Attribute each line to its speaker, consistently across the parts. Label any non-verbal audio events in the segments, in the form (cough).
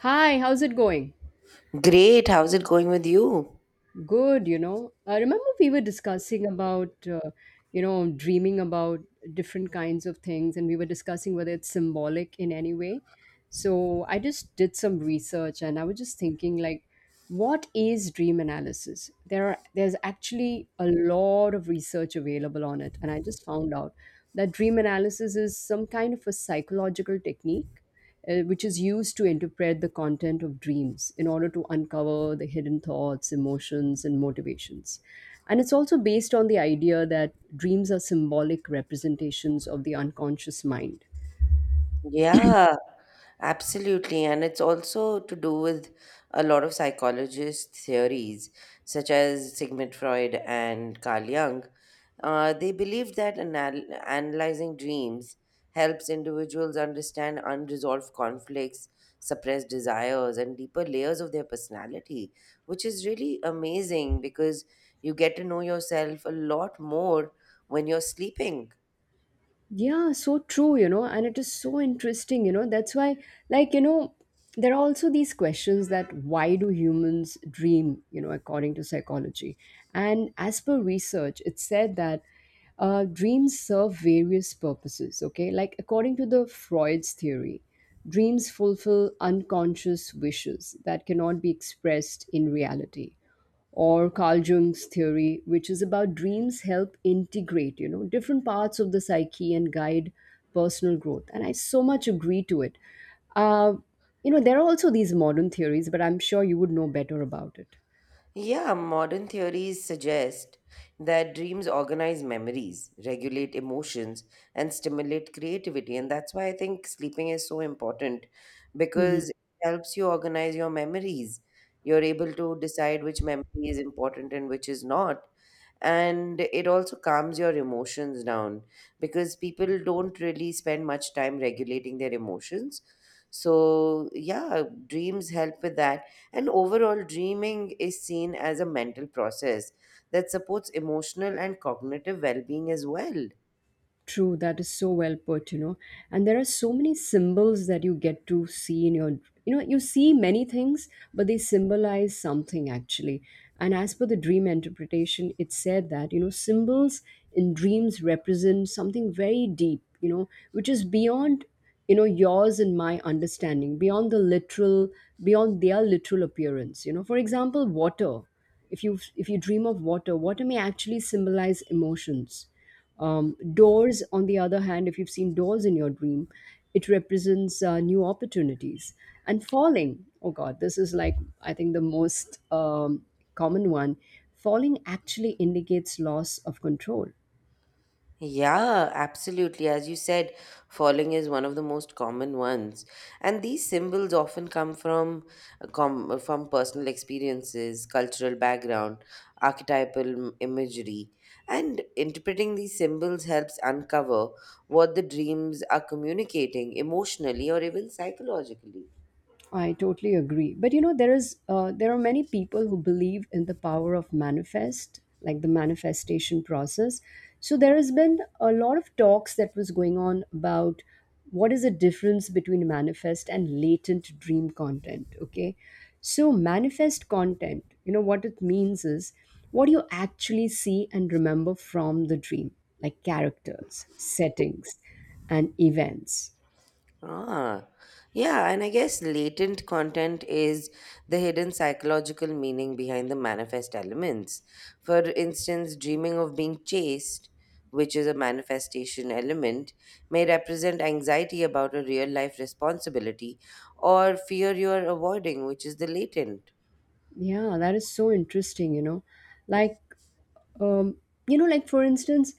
Speaker 1: Hi, how's it going?
Speaker 2: Great. How's it going with you?
Speaker 1: Good, you know. I remember we were discussing about, dreaming about different kinds of things, and we were discussing whether it's symbolic in any way. So I just did some research, and I was just thinking, like, what is dream analysis? There's actually a lot of research available on it, and I just found out that dream analysis is some kind of a psychological technique which is used to interpret the content of dreams in order to uncover the hidden thoughts, emotions, and motivations. And it's also based on the idea that dreams are symbolic representations of the unconscious mind.
Speaker 2: Yeah, absolutely. And it's also to do with a lot of psychologist theories, such as Sigmund Freud and Carl Jung. They believe that analyzing dreams helps individuals understand unresolved conflicts, suppressed desires, and deeper layers of their personality, which is really amazing because you get to know yourself a lot more when you're sleeping.
Speaker 1: Yeah, so true, you know, and it is so interesting, you know. That's why, like, you know, there are also these questions that why do humans dream, you know, according to psychology? And as per research, it's said that dreams serve various purposes, okay? Like, according to the Freud's theory, dreams fulfill unconscious wishes that cannot be expressed in reality or Carl Jung's theory, which is about dreams help integrate, you know, different parts of the psyche and guide personal growth. And I so much agree to it. Uh, there are also these modern theories, but I'm sure you would know better about it.
Speaker 2: Yeah, modern theories suggest that dreams organize memories, regulate emotions, and stimulate creativity. And that's why I think sleeping is so important
Speaker 1: Mhm.
Speaker 2: because it helps you organize your memories. You're able to decide which memory is important and which is not, and it also calms your emotions down because people don't really spend much time regulating their emotions, so yeah, dreams help with that. And overall, dreaming is seen as a mental process that supports emotional and cognitive well-being as well.
Speaker 1: True, that is so well put, you know. And there are so many symbols that you get to see in your, you know, you see many things, but they symbolize something actually. And as per the dream interpretation, it said that, you know, symbols in dreams represent something very deep, you know, which is beyond, you know, yours and my understanding, beyond the literal, beyond their literal appearance, you know. For example, water. If you dream of water, water may actually symbolize emotions. Doors, on the other hand, if you've seen doors in your dream, it represents new opportunities. And falling, oh God, this is like, I think, the most common one. Falling actually indicates loss of control.
Speaker 2: Yeah, absolutely. As you said, falling is one of the most common ones, and these symbols often come from from personal experiences, cultural background, archetypal imagery, and interpreting these symbols helps uncover what the dreams are communicating emotionally or even psychologically.
Speaker 1: I totally agree. But you know, there are many people who believe in the power of manifest, like the manifestation process. So there has been a lot of talks that was going on about what is the difference between manifest and latent dream content. Okay, so manifest content, you know, what it means is what you actually see and remember from the dream, like characters, settings, and events.
Speaker 2: Ah, yeah, and I guess latent content is the hidden psychological meaning behind the manifest elements. For instance, dreaming of being chased, which is a manifestation element, may represent anxiety about a real life responsibility or fear you are avoiding, which is the latent.
Speaker 1: Yeah, that is so interesting, you know. Like, um, like for instance,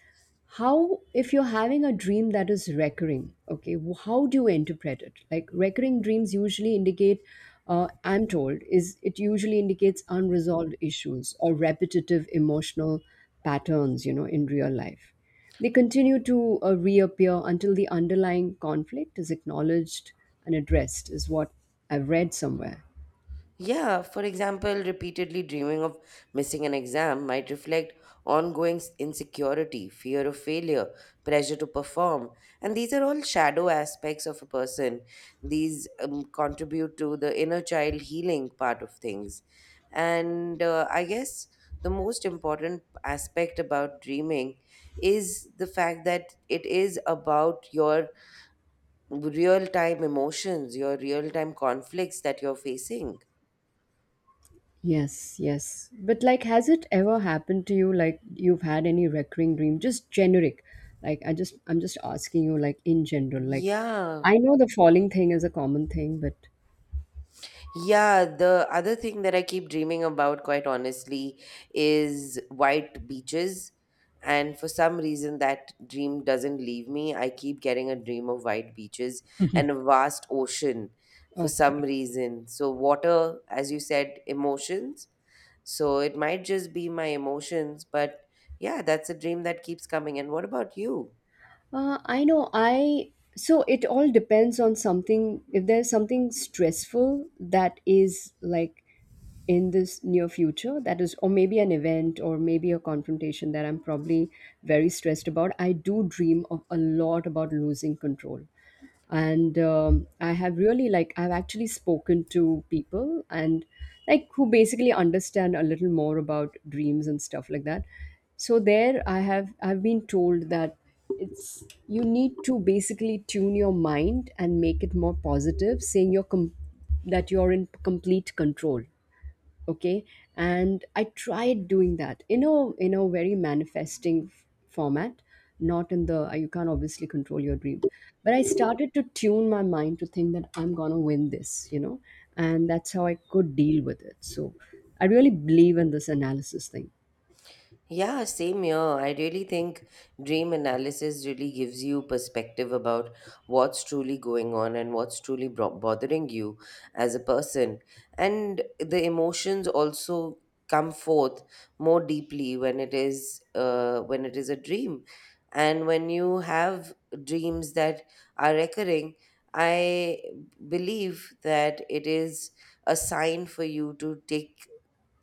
Speaker 1: how if you're having a dream that is recurring, okay, how do you interpret it? Like recurring dreams usually indicate, I'm told, is it usually indicates unresolved issues or repetitive emotional patterns, you know, in real life. They continue to reappear until the underlying conflict is acknowledged and addressed, is what I've read somewhere.
Speaker 2: Yeah, for example, repeatedly dreaming of missing an exam might reflect ongoing insecurity, fear of failure, pressure to perform. And these are all shadow aspects of a person. These contribute to the inner child healing part of things. And I guess the most important aspect about dreaming is the fact that it is about your real time emotions, your real time conflicts that you're facing.
Speaker 1: Yes, yes. But like, has it ever happened to you? Like, you've had any recurring dream? Just generic. Like, I'm just asking you, like, in general. Like,
Speaker 2: Yeah.
Speaker 1: I know the falling thing is a common thing, but
Speaker 2: Yeah. The other thing that I keep dreaming about, quite honestly, is white beaches. And for some reason, that dream doesn't leave me. I keep getting a dream of white beaches and a vast ocean for some
Speaker 1: okay.
Speaker 2: reason. So, water, as you said, emotions. So, it might just be my emotions, but yeah, that's a dream that keeps coming. And what about you?
Speaker 1: I know. I so it all depends on something. If there's something stressful that is like in this near future that is or maybe an event or maybe a confrontation that I'm probably very stressed about, I do dream of a lot about losing control, and I have really like I've actually spoken to people and like who basically understand a little more about dreams and stuff like that. So there I have I've been told that it's you need to basically tune your mind and make it more positive saying that you're in complete control. Okay. And I tried doing that in a very manifesting format, not in the you can't obviously control your dream, but I started to tune my mind to think that I'm gonna win this, you know, and that's how I could deal with it. So I really believe in this analysis thing.
Speaker 2: Yeah, same here. I really think dream analysis really gives you perspective about what's truly going on and what's truly bothering you as a person. And the emotions also come forth more deeply when it is a dream. And when you have dreams that are recurring, I believe that it is a sign for you to take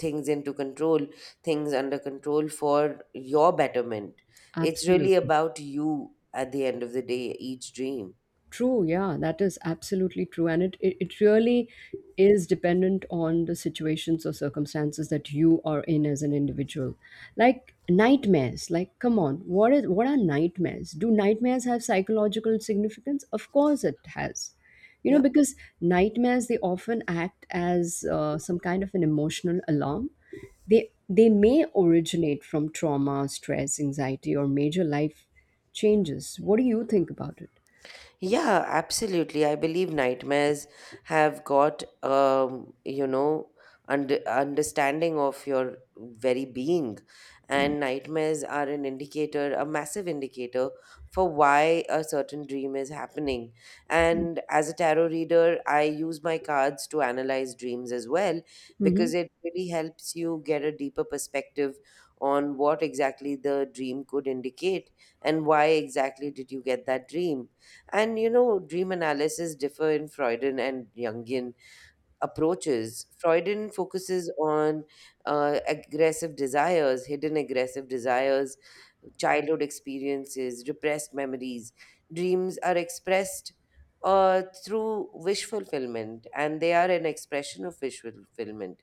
Speaker 2: things into control, things under control for your betterment. It's really
Speaker 1: Absolutely.
Speaker 2: about you at the end of the day, each dream.
Speaker 1: True, yeah, that is absolutely true. And it really is dependent on the situations or circumstances that you are in as an individual. Like nightmares, like come on, what are nightmares? Do nightmares have psychological significance? Of course it has. You know,
Speaker 2: Yeah.
Speaker 1: because nightmares they often act as some kind of an emotional alarm. They may originate from trauma, stress, anxiety, or major life changes. What do you think about it?
Speaker 2: Yeah, absolutely. I believe nightmares have got, understanding of your very being. And nightmares are an indicator, a massive indicator for why a certain dream is happening. And as a tarot reader, I use my cards to analyze dreams as well
Speaker 1: Mm-hmm.
Speaker 2: because it really helps you get a deeper perspective on what exactly the dream could indicate and why exactly did you get that dream. And you know, dream analysis differ in Freudian and Jungian approaches. Freudian focuses on aggressive desires, hidden aggressive desires, childhood experiences, repressed memories. Dreams are expressed through wish fulfillment, and they are an expression of wish fulfillment.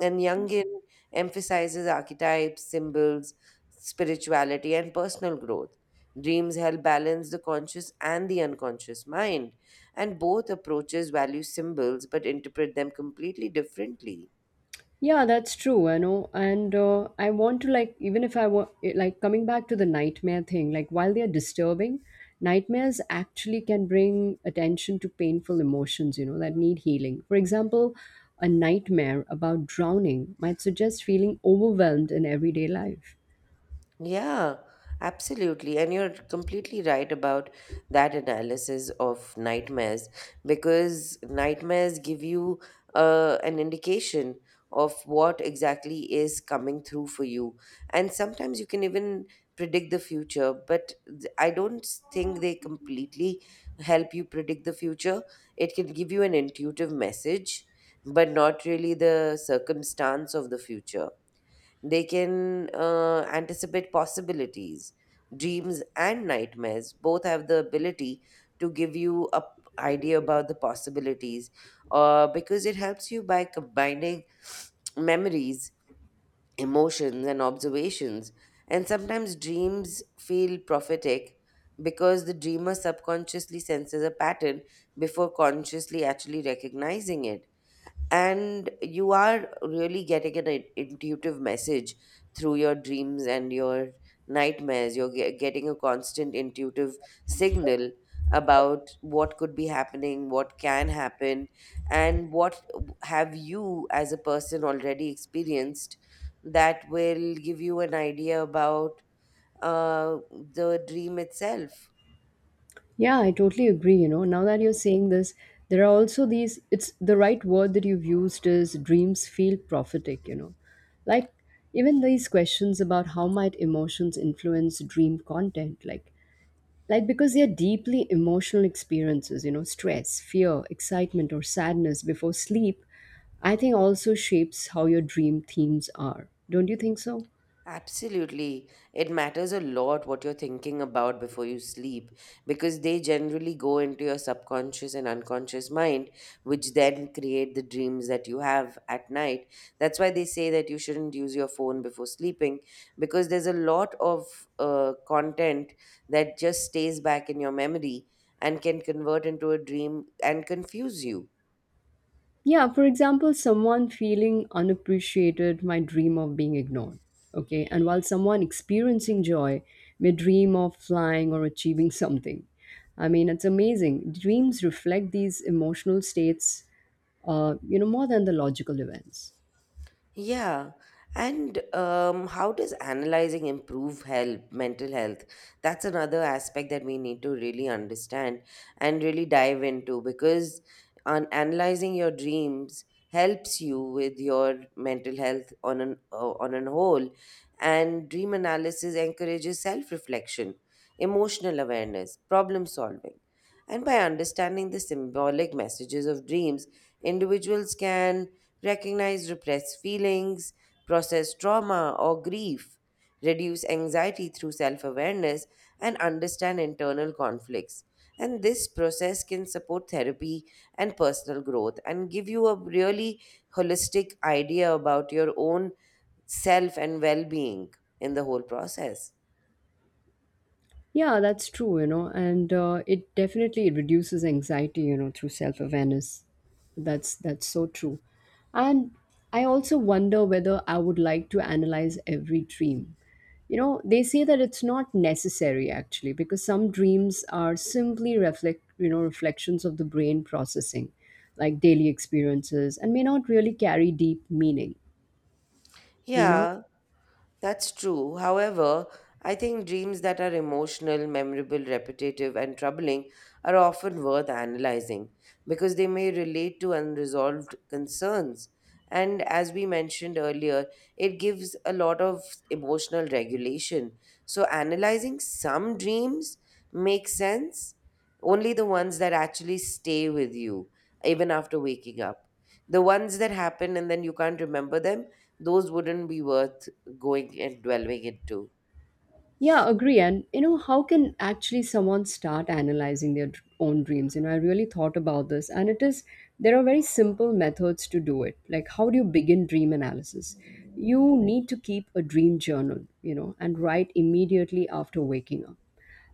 Speaker 2: And Jungian emphasizes archetypes, symbols, spirituality, and personal growth. Dreams help balance the conscious and the unconscious mind, and both approaches value symbols but interpret them completely differently.
Speaker 1: Yeah, that's true. I know, and I want to like even if I want like coming back to the nightmare thing. Like while they are disturbing, nightmares actually can bring attention to painful emotions. You know that need healing. For example, a nightmare about drowning might suggest feeling overwhelmed in everyday life.
Speaker 2: Yeah, absolutely. And you're completely right about that analysis of nightmares because nightmares give you an indication of what exactly is coming through for you. And sometimes you can even predict the future, but I don't think they completely help you predict the future. It can give you an intuitive message, but not really the circumstance of the future. They can anticipate possibilities, dreams, and nightmares. Both have the ability to give you a idea about the possibilities, because it helps you by combining (sniffs) memories, emotions, and observations. And sometimes dreams feel prophetic because the dreamer subconsciously senses a pattern before consciously actually recognizing it. And you are really getting an intuitive message through your dreams, and your nightmares, you're getting a constant intuitive signal about what could be happening, what can happen, and what have you as a person already experienced that will give you an idea about the dream itself.
Speaker 1: Yeah, I totally agree. You know, now that you're saying this, there are also these, it's the right word that you've used is dreams feel prophetic, you know. Like, even these questions about how might emotions influence dream content, like because they are deeply emotional experiences, you know, stress, fear, excitement, or sadness before sleep, I think also shapes how your dream themes are. Don't you think so?
Speaker 2: Absolutely. It matters a lot what you're thinking about before you sleep because they generally go into your subconscious and unconscious mind, which then create the dreams that you have at night. That's why they say that you shouldn't use your phone before sleeping because there's a lot of content that just stays back in your memory and can convert into a dream and confuse you.
Speaker 1: Yeah, for example, someone feeling unappreciated might dream of being ignored. Okay, and while someone experiencing joy may dream of flying or achieving (laughs) something. I mean, it's amazing. Dreams reflect these emotional states, you know, more than the logical events.
Speaker 2: Yeah. And how does analyzing improve health, mental health? That's another aspect that we need to really understand and really dive into, because on analyzing your dreams helps you with your mental health on an whole. And dream analysis encourages self reflection, emotional awareness, problem solving, and by understanding the symbolic messages of dreams, individuals can recognize repressed feelings, process trauma or grief, reduce anxiety through self awareness, and understand internal conflicts. And this process can support therapy and personal growth and give you a really holistic idea about your own self and well being in the whole process.
Speaker 1: Yeah, that's true, you know, and it definitely reduces anxiety, you know, through self awareness. That's so true, and I also wonder whether I would like to analyze every dream. You know, they say that it's not necessary actually because some dreams are simply reflect, you know, reflections of the brain processing like daily experiences and may not really carry deep meaning, you know.
Speaker 2: Yeah. That's true. However, I think dreams that are emotional, memorable, repetitive, and troubling are often worth analyzing because they may relate to unresolved concerns. And as we mentioned earlier, it gives a lot of emotional regulation. So, analyzing some dreams makes sense, only the ones that actually stay with you, even after waking up. The ones that happen and then you can't remember them, those wouldn't be worth going and dwelling into.
Speaker 1: Yeah, agree. And you know, how can actually someone start analyzing their own dreams? You know, I really thought about this, and it is there are very simple methods to do it. Like, how do you begin dream analysis? You need to keep a dream journal, you know, and write immediately after waking up.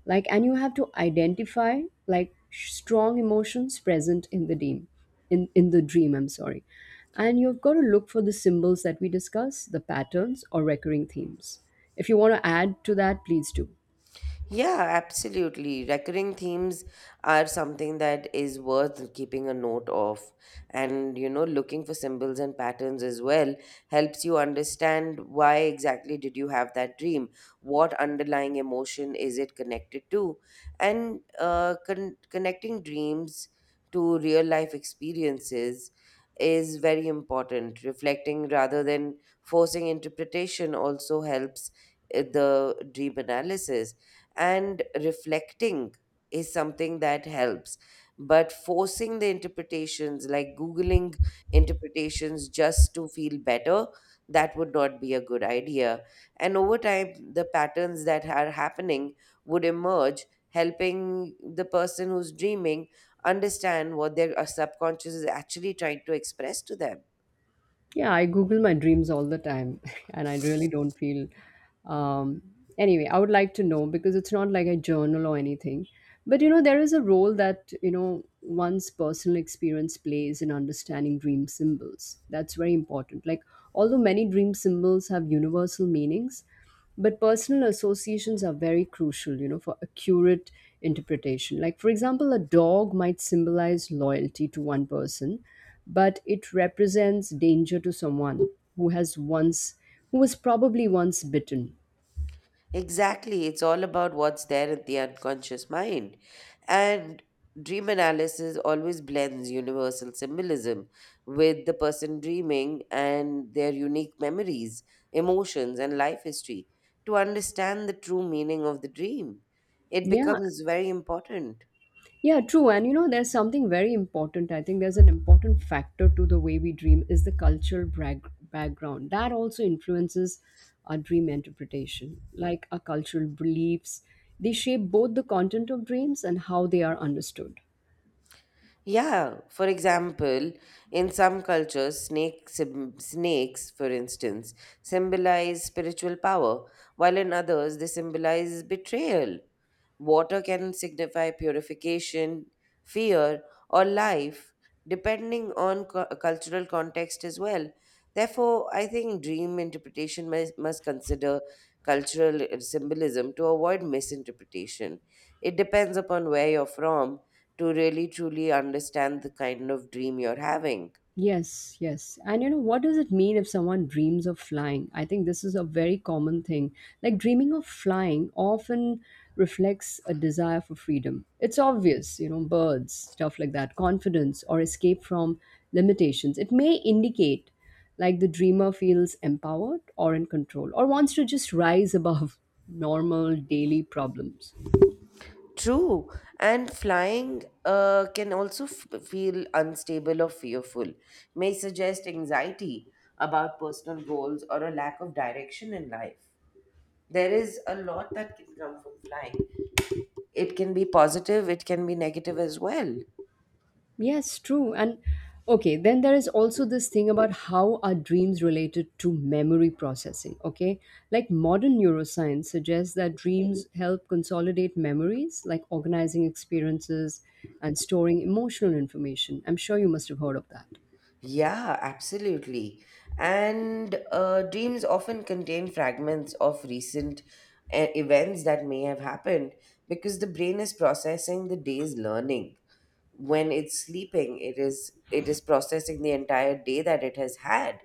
Speaker 1: Like and you have to identify like strong emotions present in the dream, I'm sorry. And you've got to look for the symbols that we discuss, the patterns or recurring themes. If you want to add to that, please do.
Speaker 2: Yeah, absolutely. Recurring themes are something that is worth keeping a note of. And, you know, looking for symbols and patterns as well helps you understand why exactly did you have that dream? What underlying emotion is it connected to? And connecting dreams to real life experiences is very important. Reflecting rather than forcing interpretation also helps the dream analysis. And reflecting is something that helps, but forcing the interpretations, like googling interpretations just to feel better, that would not be a good idea. And over time, the patterns that are happening would emerge, helping the person who's dreaming understand what their subconscious is actually trying to express to them.
Speaker 1: Yeah, I Google my dreams all the time, (laughs) and I really don't feel. Um, anyway, I would like to know because it's not like a journal or anything. But you know, there is a role that you know one's personal experience plays in understanding dream symbols. That's very important. Like, although many dream symbols have universal meanings, but personal associations are very crucial, you know, for accurate interpretation, like for example a dog might symbolize loyalty to one person, but it represents danger to someone who has once who was probably once bitten.
Speaker 2: Exactly. It's all about what's there in the unconscious mind. And dream analysis always blends universal symbolism with the person dreaming and their unique memories, emotions, and life history to understand the true meaning of the dream. It
Speaker 1: Yeah.
Speaker 2: becomes very important.
Speaker 1: Yeah, true. And you know, there's something very important. I think there's an important factor to the way we dream is the cultural background. That also influences our dream interpretation, like our cultural beliefs. They shape both the content of dreams and how they are understood.
Speaker 2: Yeah, for example, in some cultures, snakes, for instance, symbolize spiritual power, while in others, they symbolize betrayal. Water can signify purification, fear, or life, depending on cultural context as well. Therefore, I think dream interpretation must consider cultural symbolism to avoid misinterpretation. It depends upon where you're from to really truly understand the kind of dream you're having.
Speaker 1: Yes, yes. And you know, what does it mean if someone dreams of flying? I think this is a very common thing. Like, dreaming of flying often reflects a desire for freedom. It's obvious, you know, birds, stuff like that, confidence or escape from limitations. It may indicate like the dreamer feels empowered or in control or wants to just rise above (laughs) normal daily problems.
Speaker 2: True, and flying can also feel unstable or fearful, may suggest anxiety about personal goals or a lack of direction in life. There is a lot that can come from flying. It can be positive, it can be negative as well.
Speaker 1: Yes, true. And okay, then there is also this thing about how our dreams related to memory processing, okay? Like modern neuroscience suggests that dreams help consolidate memories, like organizing experiences and storing emotional information. I'm sure you must have heard of that.
Speaker 2: Yeah, absolutely. And dreams often contain fragments of recent events that may have happened because the brain is processing the day's learning. When it's sleeping, it is processing the entire day that it has had.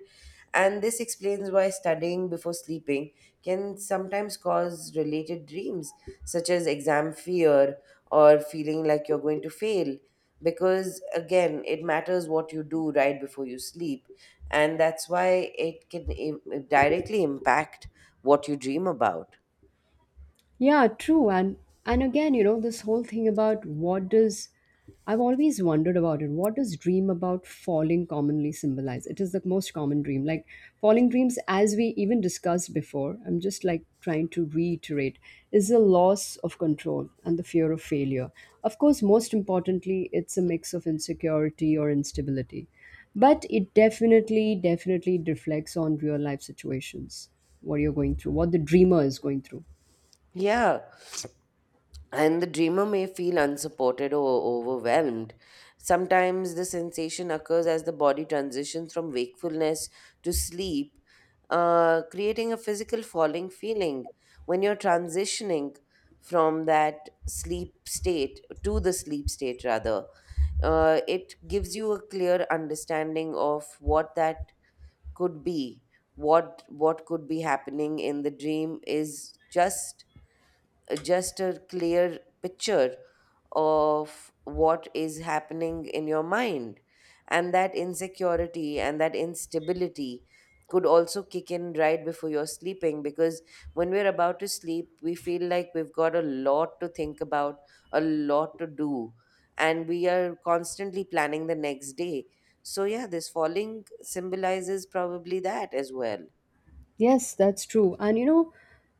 Speaker 2: And this explains why studying before sleeping can sometimes cause related dreams, such as exam fear or feeling like you're going to fail, because again, it matters what you do right before you sleep. And that's why it can directly impact what you dream about.
Speaker 1: Yeah, true. And again, you know, this whole thing about what does I've always wondered about it. What does dream about falling commonly symbolize? It is the most common dream. Like falling dreams, as we even discussed before, I'm just trying to reiterate, is the loss of control and the fear of failure. Of course, most importantly, it's a mix of insecurity or instability. But it definitely, definitely reflects on real life situations, what you're going through, what the dreamer is going through.
Speaker 2: Yeah. And the dreamer may feel unsupported or overwhelmed. Sometimes the sensation occurs as the body transitions from wakefulness to sleep, creating a physical falling feeling. When you're transitioning from that sleep state to the sleep state, rather, it gives you a clear understanding of what that could be. What could be happening in the dream is just a clear picture of what is happening in your mind. And that insecurity and that instability could also kick in right before you're sleeping, because when we're about to sleep, we feel like we've got a lot to think about, a lot to do, and we are constantly planning the next day. So, yeah, this falling symbolizes probably that as well.
Speaker 1: Yes, that's true. And you know,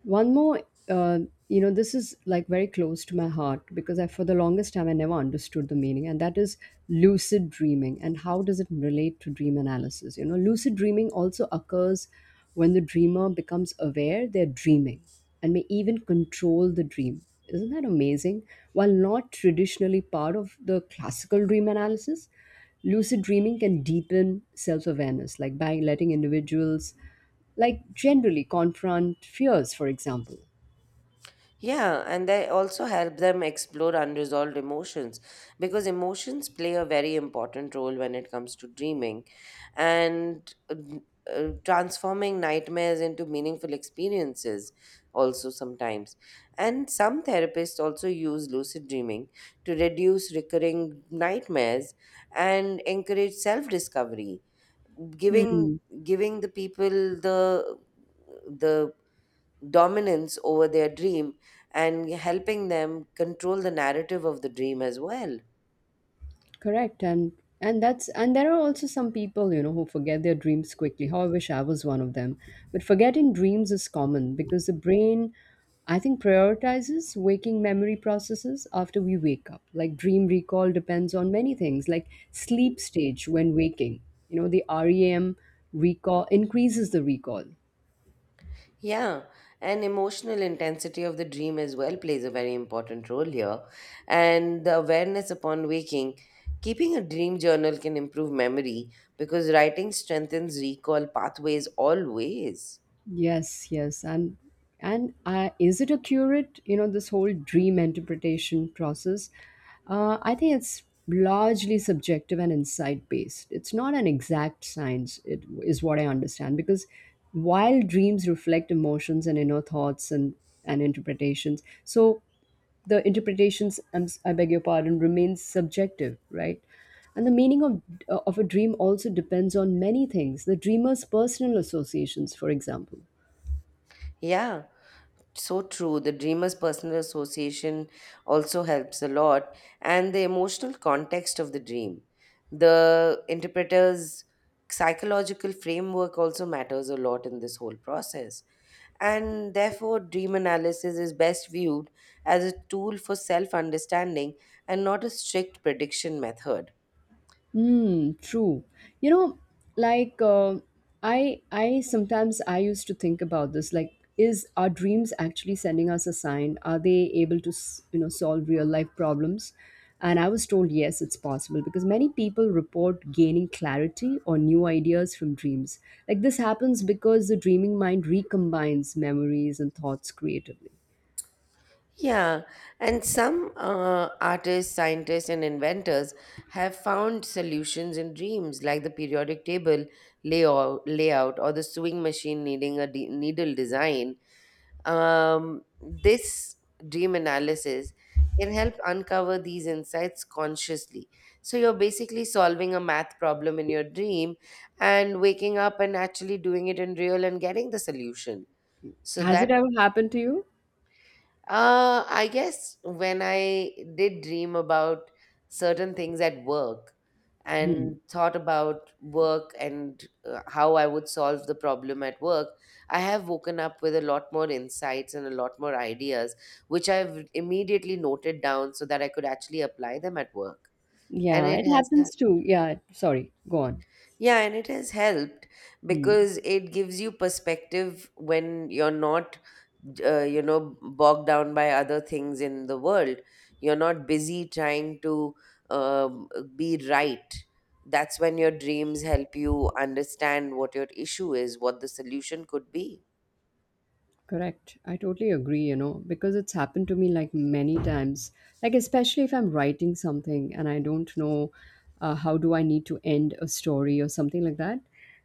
Speaker 1: one more, uh, you know, this is like very close to my heart because I, for the longest time, I never understood the meaning, and that is lucid dreaming. And how does it relate to dream analysis? You know, lucid dreaming also occurs when the dreamer becomes aware they're dreaming and may even control the dream. Isn't that amazing? While not traditionally part of the classical dream analysis, lucid dreaming can deepen self awareness, like by letting individuals like generally confront fears for example.
Speaker 2: Yeah, and they also help them explore unresolved emotions because emotions play a very important role when it comes to dreaming. And transforming nightmares into meaningful experiences, also sometimes. And some therapists also use lucid dreaming to reduce recurring nightmares and encourage self discovery, giving
Speaker 1: Hmm.
Speaker 2: giving the people the dominance over their dream and helping them control the narrative of the dream as well.
Speaker 1: Correct, and that's, and there are also some people, you know, who forget their dreams quickly. How I wish I was one of them. But forgetting dreams is common because the brain, I think, prioritizes waking memory processes after we wake up. Like dream recall depends on many things, like sleep stage when waking, you know, the REM recall increases the recall.
Speaker 2: Yeah, and emotional intensity of the dream as well plays a very important role here. And the awareness upon waking, keeping a dream journal can improve memory because writing strengthens recall pathways always.
Speaker 1: Yes, yes, and is it accurate? You know, this whole dream interpretation process. I think it's largely subjective and insight based. It's not an exact science. It is what I understand because while dreams reflect emotions and inner thoughts and interpretations, so the interpretations, I beg your pardon, remains subjective, right? And the meaning of a dream also depends on many things. The dreamer's personal associations, for example.
Speaker 2: Yeah, so true. The Dreamers Personal Association also helps a lot, and the emotional context of the dream. The interpreter's psychological framework also matters a lot in this whole process. And therefore, dream analysis is best viewed as a tool for self understanding and not a strict prediction method.
Speaker 1: Hmm, true. You know, like uh, I sometimes I used to think about this, like is our dreams actually sending us a sign? Are they able to, you know, solve real life problems? And I was told yes, it's possible because many people report gaining clarity or new ideas from dreams. Like this happens because the dreaming mind recombines memories and thoughts creatively.
Speaker 2: Yeah, and some artists, scientists, and inventors have found solutions in dreams, like the periodic table layout or the sewing machine needing a needle design. This dream analysis can help uncover these insights consciously. So you're basically solving a math problem in your dream and waking up and actually doing it in real and getting the solution. So
Speaker 1: Has it
Speaker 2: that
Speaker 1: ever happened to you?
Speaker 2: I guess when I did dream about certain things at work
Speaker 1: Hmm.
Speaker 2: and thought about work and how I would solve the problem at work, I have woken up with a lot more insights and a lot more ideas, which I've immediately noted down so that I could actually apply them at work. And
Speaker 1: Yeah, it
Speaker 2: it has helped.
Speaker 1: happens too. Yeah, sorry. Go on.
Speaker 2: Yeah, and it has helped
Speaker 1: Hmm.
Speaker 2: because it gives you perspective when you're not, you know, bogged down by other things in the world. You're not busy trying to um, be right. That's when your dreams help you understand what your issue is, what the solution could be.
Speaker 1: Correct. I totally agree, you know, because it's happened to me like many times. Like, especially if I'm writing something and I don't know how do I need to end a story or something like that.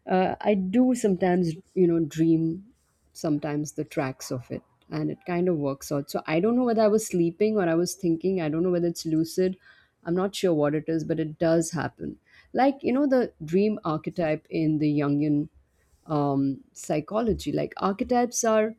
Speaker 1: I do sometimes, you know, dream sometimes the tracks of it, and it kind of works out. So I don't know whether I was sleeping or I was thinking. I don't know whether it's lucid. I'm not sure what it is, but it does happen. Like, you know, the dream archetype in the Jungian psychology. Like archetypes are,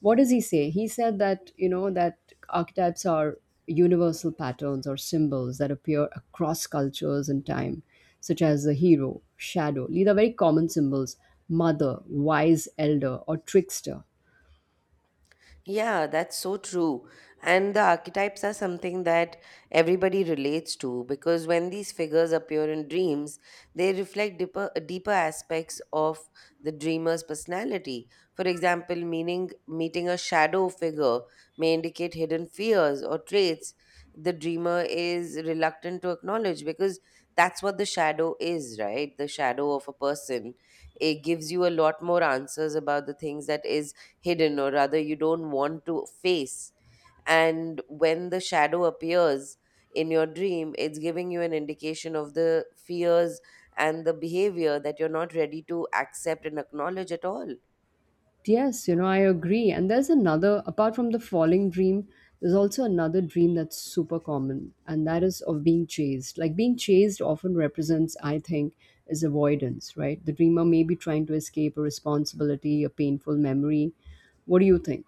Speaker 1: what does he say? He said that, you know, that archetypes are universal patterns or symbols that appear across cultures and time, such as the hero, shadow. These are very common symbols: mother, wise elder, or trickster.
Speaker 2: Yeah, that's so true. And the archetypes are something that everybody relates to because when these figures appear in dreams, they reflect deeper aspects of the dreamer's personality. For example, meaning meeting a shadow figure may indicate hidden fears or traits the dreamer is reluctant to acknowledge because that's what the shadow is, right? The shadow of a person. It gives you a lot more answers about the things that is hidden or rather you don't want to face. And when the shadow appears in your dream, it's giving you an indication of the fears and the behavior that you're not ready to accept and acknowledge at all.
Speaker 1: Yes, you know, I agree. And there's another, apart from the falling dream, there's also another dream that's super common, and that is of being chased. Like being chased often represents, I think, is avoidance, right? The dreamer may be trying to escape a responsibility, a painful memory. What do you think?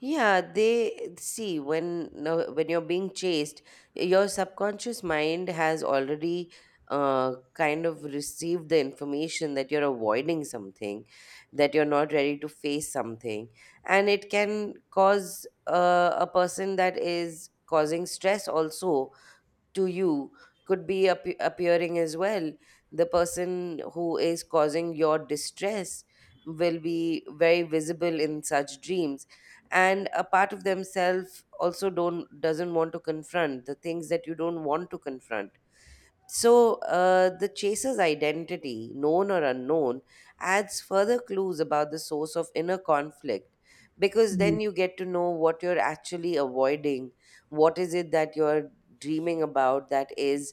Speaker 2: Yeah, they see when no, when you're being chased, your subconscious mind has already kind of received the information that you're avoiding something, that you're not ready to face something, and it can cause a person that is causing stress also to you could be appearing as well. The person who is causing your distress will be very visible in such dreams and a part of themselves also don't doesn't want to confront the things that you don't want to confront. So, the chaser's identity, known or unknown, adds further clues about the source of inner conflict because
Speaker 1: Hmm.
Speaker 2: then you get to know what you're actually avoiding, what is it that you're dreaming about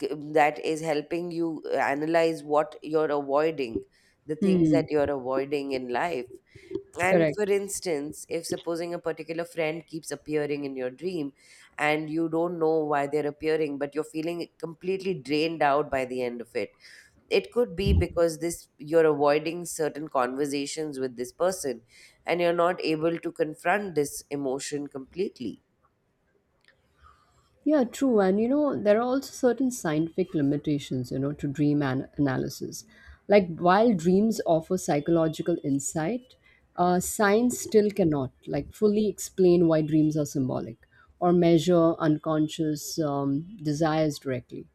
Speaker 2: that is helping you analyze what you're avoiding, the things
Speaker 1: Hmm.
Speaker 2: that you're avoiding in life. And
Speaker 1: Correct.
Speaker 2: for instance, if supposing a particular friend keeps appearing in your dream and you don't know why they're appearing, but you're feeling completely drained out by the end of it, it could be because this you're avoiding certain conversations with this person and you're not able to confront this emotion completely.
Speaker 1: Yeah, true. And you know, there are also certain scientific limitations, you know, to analysis. Like while dreams offer psychological insight, science still cannot like fully explain why dreams are symbolic or measure unconscious desires directly.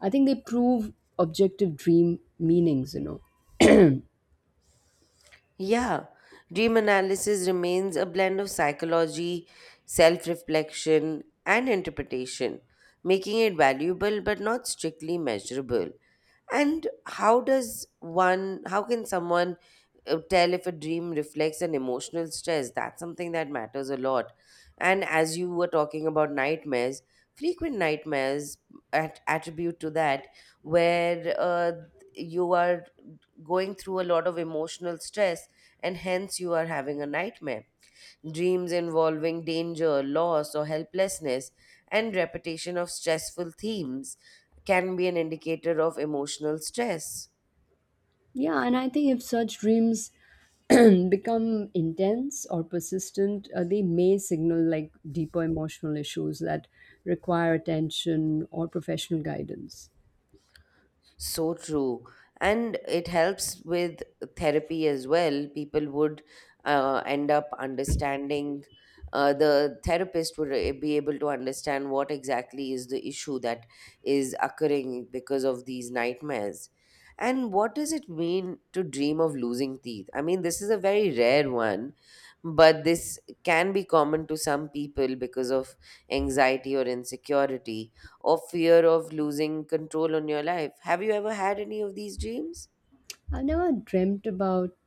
Speaker 1: I think they prove objective dream meanings, you know.
Speaker 2: Yeah, dream analysis remains a blend of psychology, self reflection, and interpretation, making it valuable but not strictly measurable. And how can someone tell if a dream reflects an emotional stress? That's something that matters a lot. And as you were talking about nightmares, frequent nightmares attribute to that, where you are going through a lot of emotional stress and hence you are having a nightmare, dreams involving danger, loss, or helplessness, and repetition of stressful themes can be an indicator of emotional stress.
Speaker 1: Yeah, and I think if such dreams (clears throat) become intense or persistent, they may signal like deeper emotional issues that require attention or professional guidance.
Speaker 2: So true. And it helps with therapy as well. People would end up understanding, the therapist would be able to understand what exactly is the issue that is occurring because of these nightmares. And what does it mean to dream of losing teeth? I mean, this is a very rare one, but this can be common to some people because of anxiety or insecurity or fear of losing control on your life. Have you ever had any of these dreams?
Speaker 1: I've never dreamt about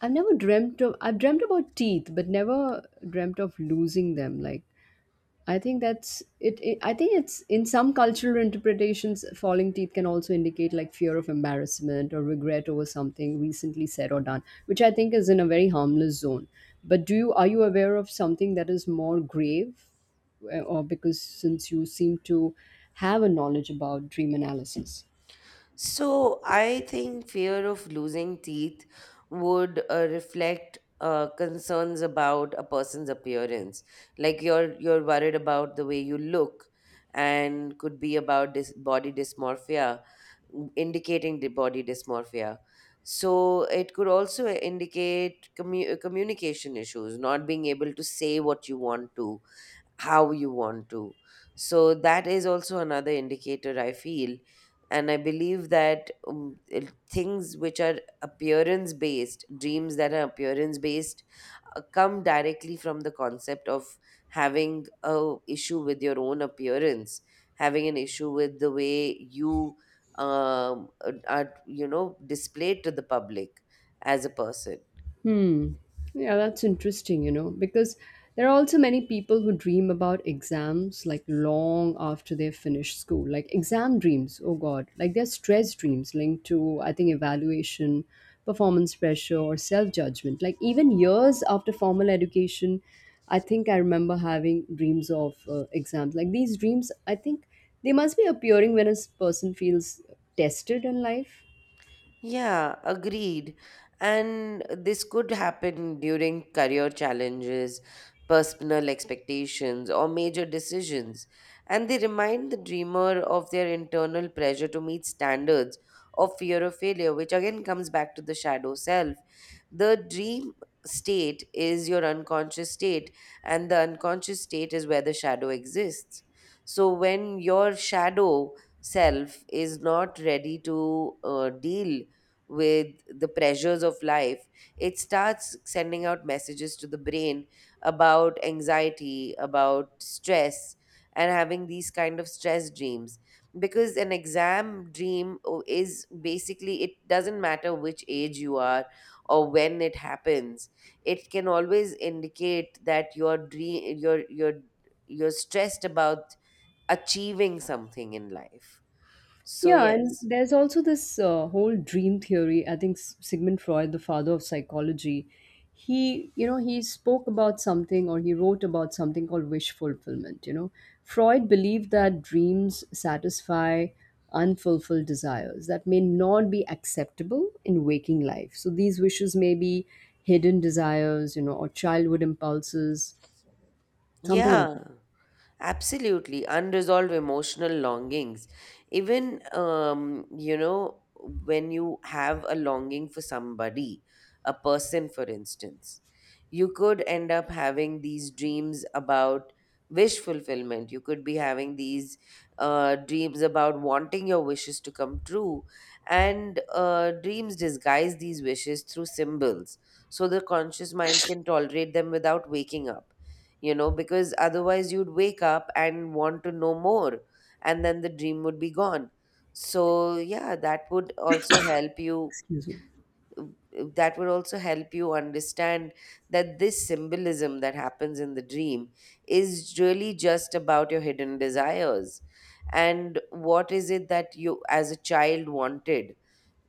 Speaker 1: I've dreamt about teeth, but never dreamt of losing them. Like I think that's it. I think it's in some cultural interpretations, falling teeth can also indicate like fear of embarrassment or regret over something recently said or done, which I think is in a very harmless zone. But do you are you aware of something that is more grave, or because since you seem to have a knowledge about dream analysis?
Speaker 2: So, I think fear of losing teeth would reflect concerns about a person's appearance. Like you're worried about the way you look, and could be about dis body dysmorphia, indicating the body dysmorphia. So it could also indicate communication issues, not being able to say what you want to, how you want to. So that is also another indicator, I feel. And I believe that things which are appearance based, dreams that are appearance based, come directly from the concept of having a issue with your own appearance, having an issue with the way you are, you know, displayed to the public as a person.
Speaker 1: Hmm. Yeah, that's interesting, you know, because there are also many people who dream about exams like long after they finish school, like exam dreams. Oh God, like they're stress dreams linked to, I think, evaluation, performance pressure, or self judgment. Like even years after formal education, I think I remember having dreams of exams. Like these dreams, I think they must be appearing when a person feels tested in life.
Speaker 2: Yeah, agreed. And this could happen during career challenges, personal expectations, or major decisions. And they remind the dreamer of their internal pressure to meet standards or fear of failure, which again comes back to the shadow self. The dream state is your unconscious state, and the unconscious state is where the shadow exists. So when your shadow self is not ready to deal with the pressures of life, it starts sending out messages to the brain about anxiety, about stress, and having these kind of stress dreams. Because an exam dream is basically, it doesn't matter which age you are or when it happens, it can always indicate that you're stressed about achieving something in life. So,
Speaker 1: Yeah, and
Speaker 2: yes.
Speaker 1: there's also this whole dream theory. I think Sigmund Freud, the father of psychology, he, you know, he spoke about something or he wrote about something called wish fulfillment. You know, Freud believed that dreams satisfy unfulfilled desires that may not be acceptable in waking life. So these wishes may be hidden desires, you know, or childhood impulses, something like
Speaker 2: Yeah.
Speaker 1: that.
Speaker 2: Absolutely, unresolved emotional longings. Even, you know, when you have a longing for somebody, a person, for instance, you could end up having these dreams about wish fulfillment. You could be having these dreams about wanting your wishes to come true. And dreams disguise these wishes through symbols so the conscious mind can tolerate them without waking up, you know, because otherwise you'd wake up and want to know more, and then the dream would be gone. So, yeah, that would also help you.
Speaker 1: Excuse me.
Speaker 2: uh, That would also help you understand that this symbolism that happens in the dream is really just about your hidden desires and what is it that you, as a child, wanted,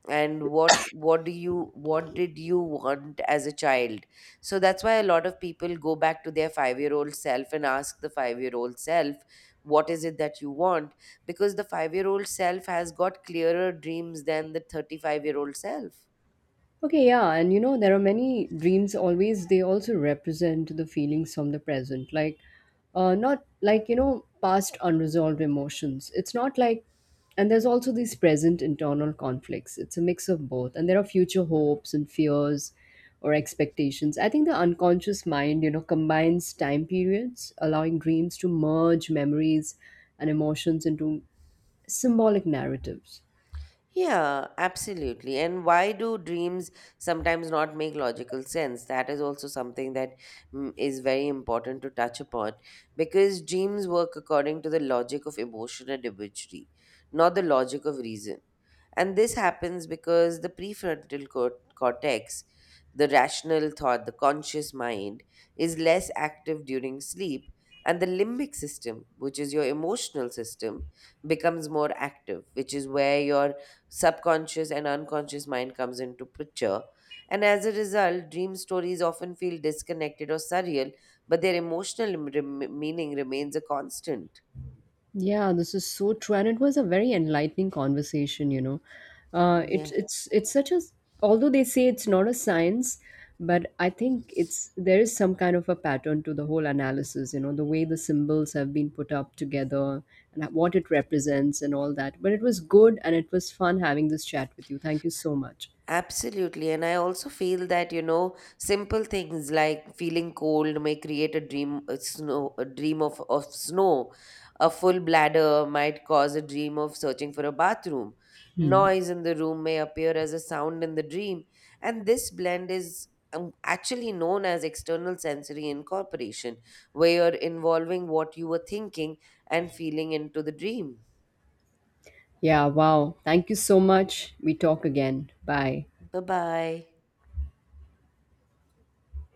Speaker 2: and what did you want as a child. So that's why a lot of people go back to their 5-year-old self and ask the 5-year-old self what is it that you want, because the 5-year-old self has got clearer dreams than the 35-year-old self.
Speaker 1: Okay, yeah, and you know, there are many dreams always, they also represent the feelings from the present. Like, not like, you know, past unresolved emotions. It's not like, and there's also these present internal conflicts. It's a mix of both. And there are future hopes and fears or expectations. I think the unconscious mind, you know, combines time periods, allowing dreams to merge memories and emotions into symbolic narratives.
Speaker 2: Yeah, absolutely. And why do dreams sometimes not make logical sense? That is also something that is very important to touch upon because dreams work according to the logic of emotion and imagery, not the logic of reason. And this happens because the cortex, the rational thought, the conscious mind, is less active during sleep, and the limbic system, which is your emotional system, becomes more active, which is where your subconscious and unconscious mind comes into picture. And as a result, dream stories often feel disconnected or surreal, but their meaning remains a constant.
Speaker 1: Yeah, this is so true, and it was a very enlightening conversation. You know, uh, it's
Speaker 2: Yeah,
Speaker 1: it's it's such a, although they say it's not a science, but I think it's there is some kind of a pattern to the whole analysis. You know, the way the symbols have been put up together and what it represents and all that. But it was good and it was fun having this chat with you. Thank you so much.
Speaker 2: absolutely. And I also feel that, you know, simple things like feeling cold may create a dream of snow. A full bladder might cause a dream of searching for a bathroom.
Speaker 1: Hmm.
Speaker 2: Noise in the room may appear as a sound in the dream. And this blend is actually known as external sensory incorporation, where you're involving what you were thinking and feeling into the dream.
Speaker 1: Yeah, wow. Thank you so much. We talk again. Bye.
Speaker 2: Bye bye.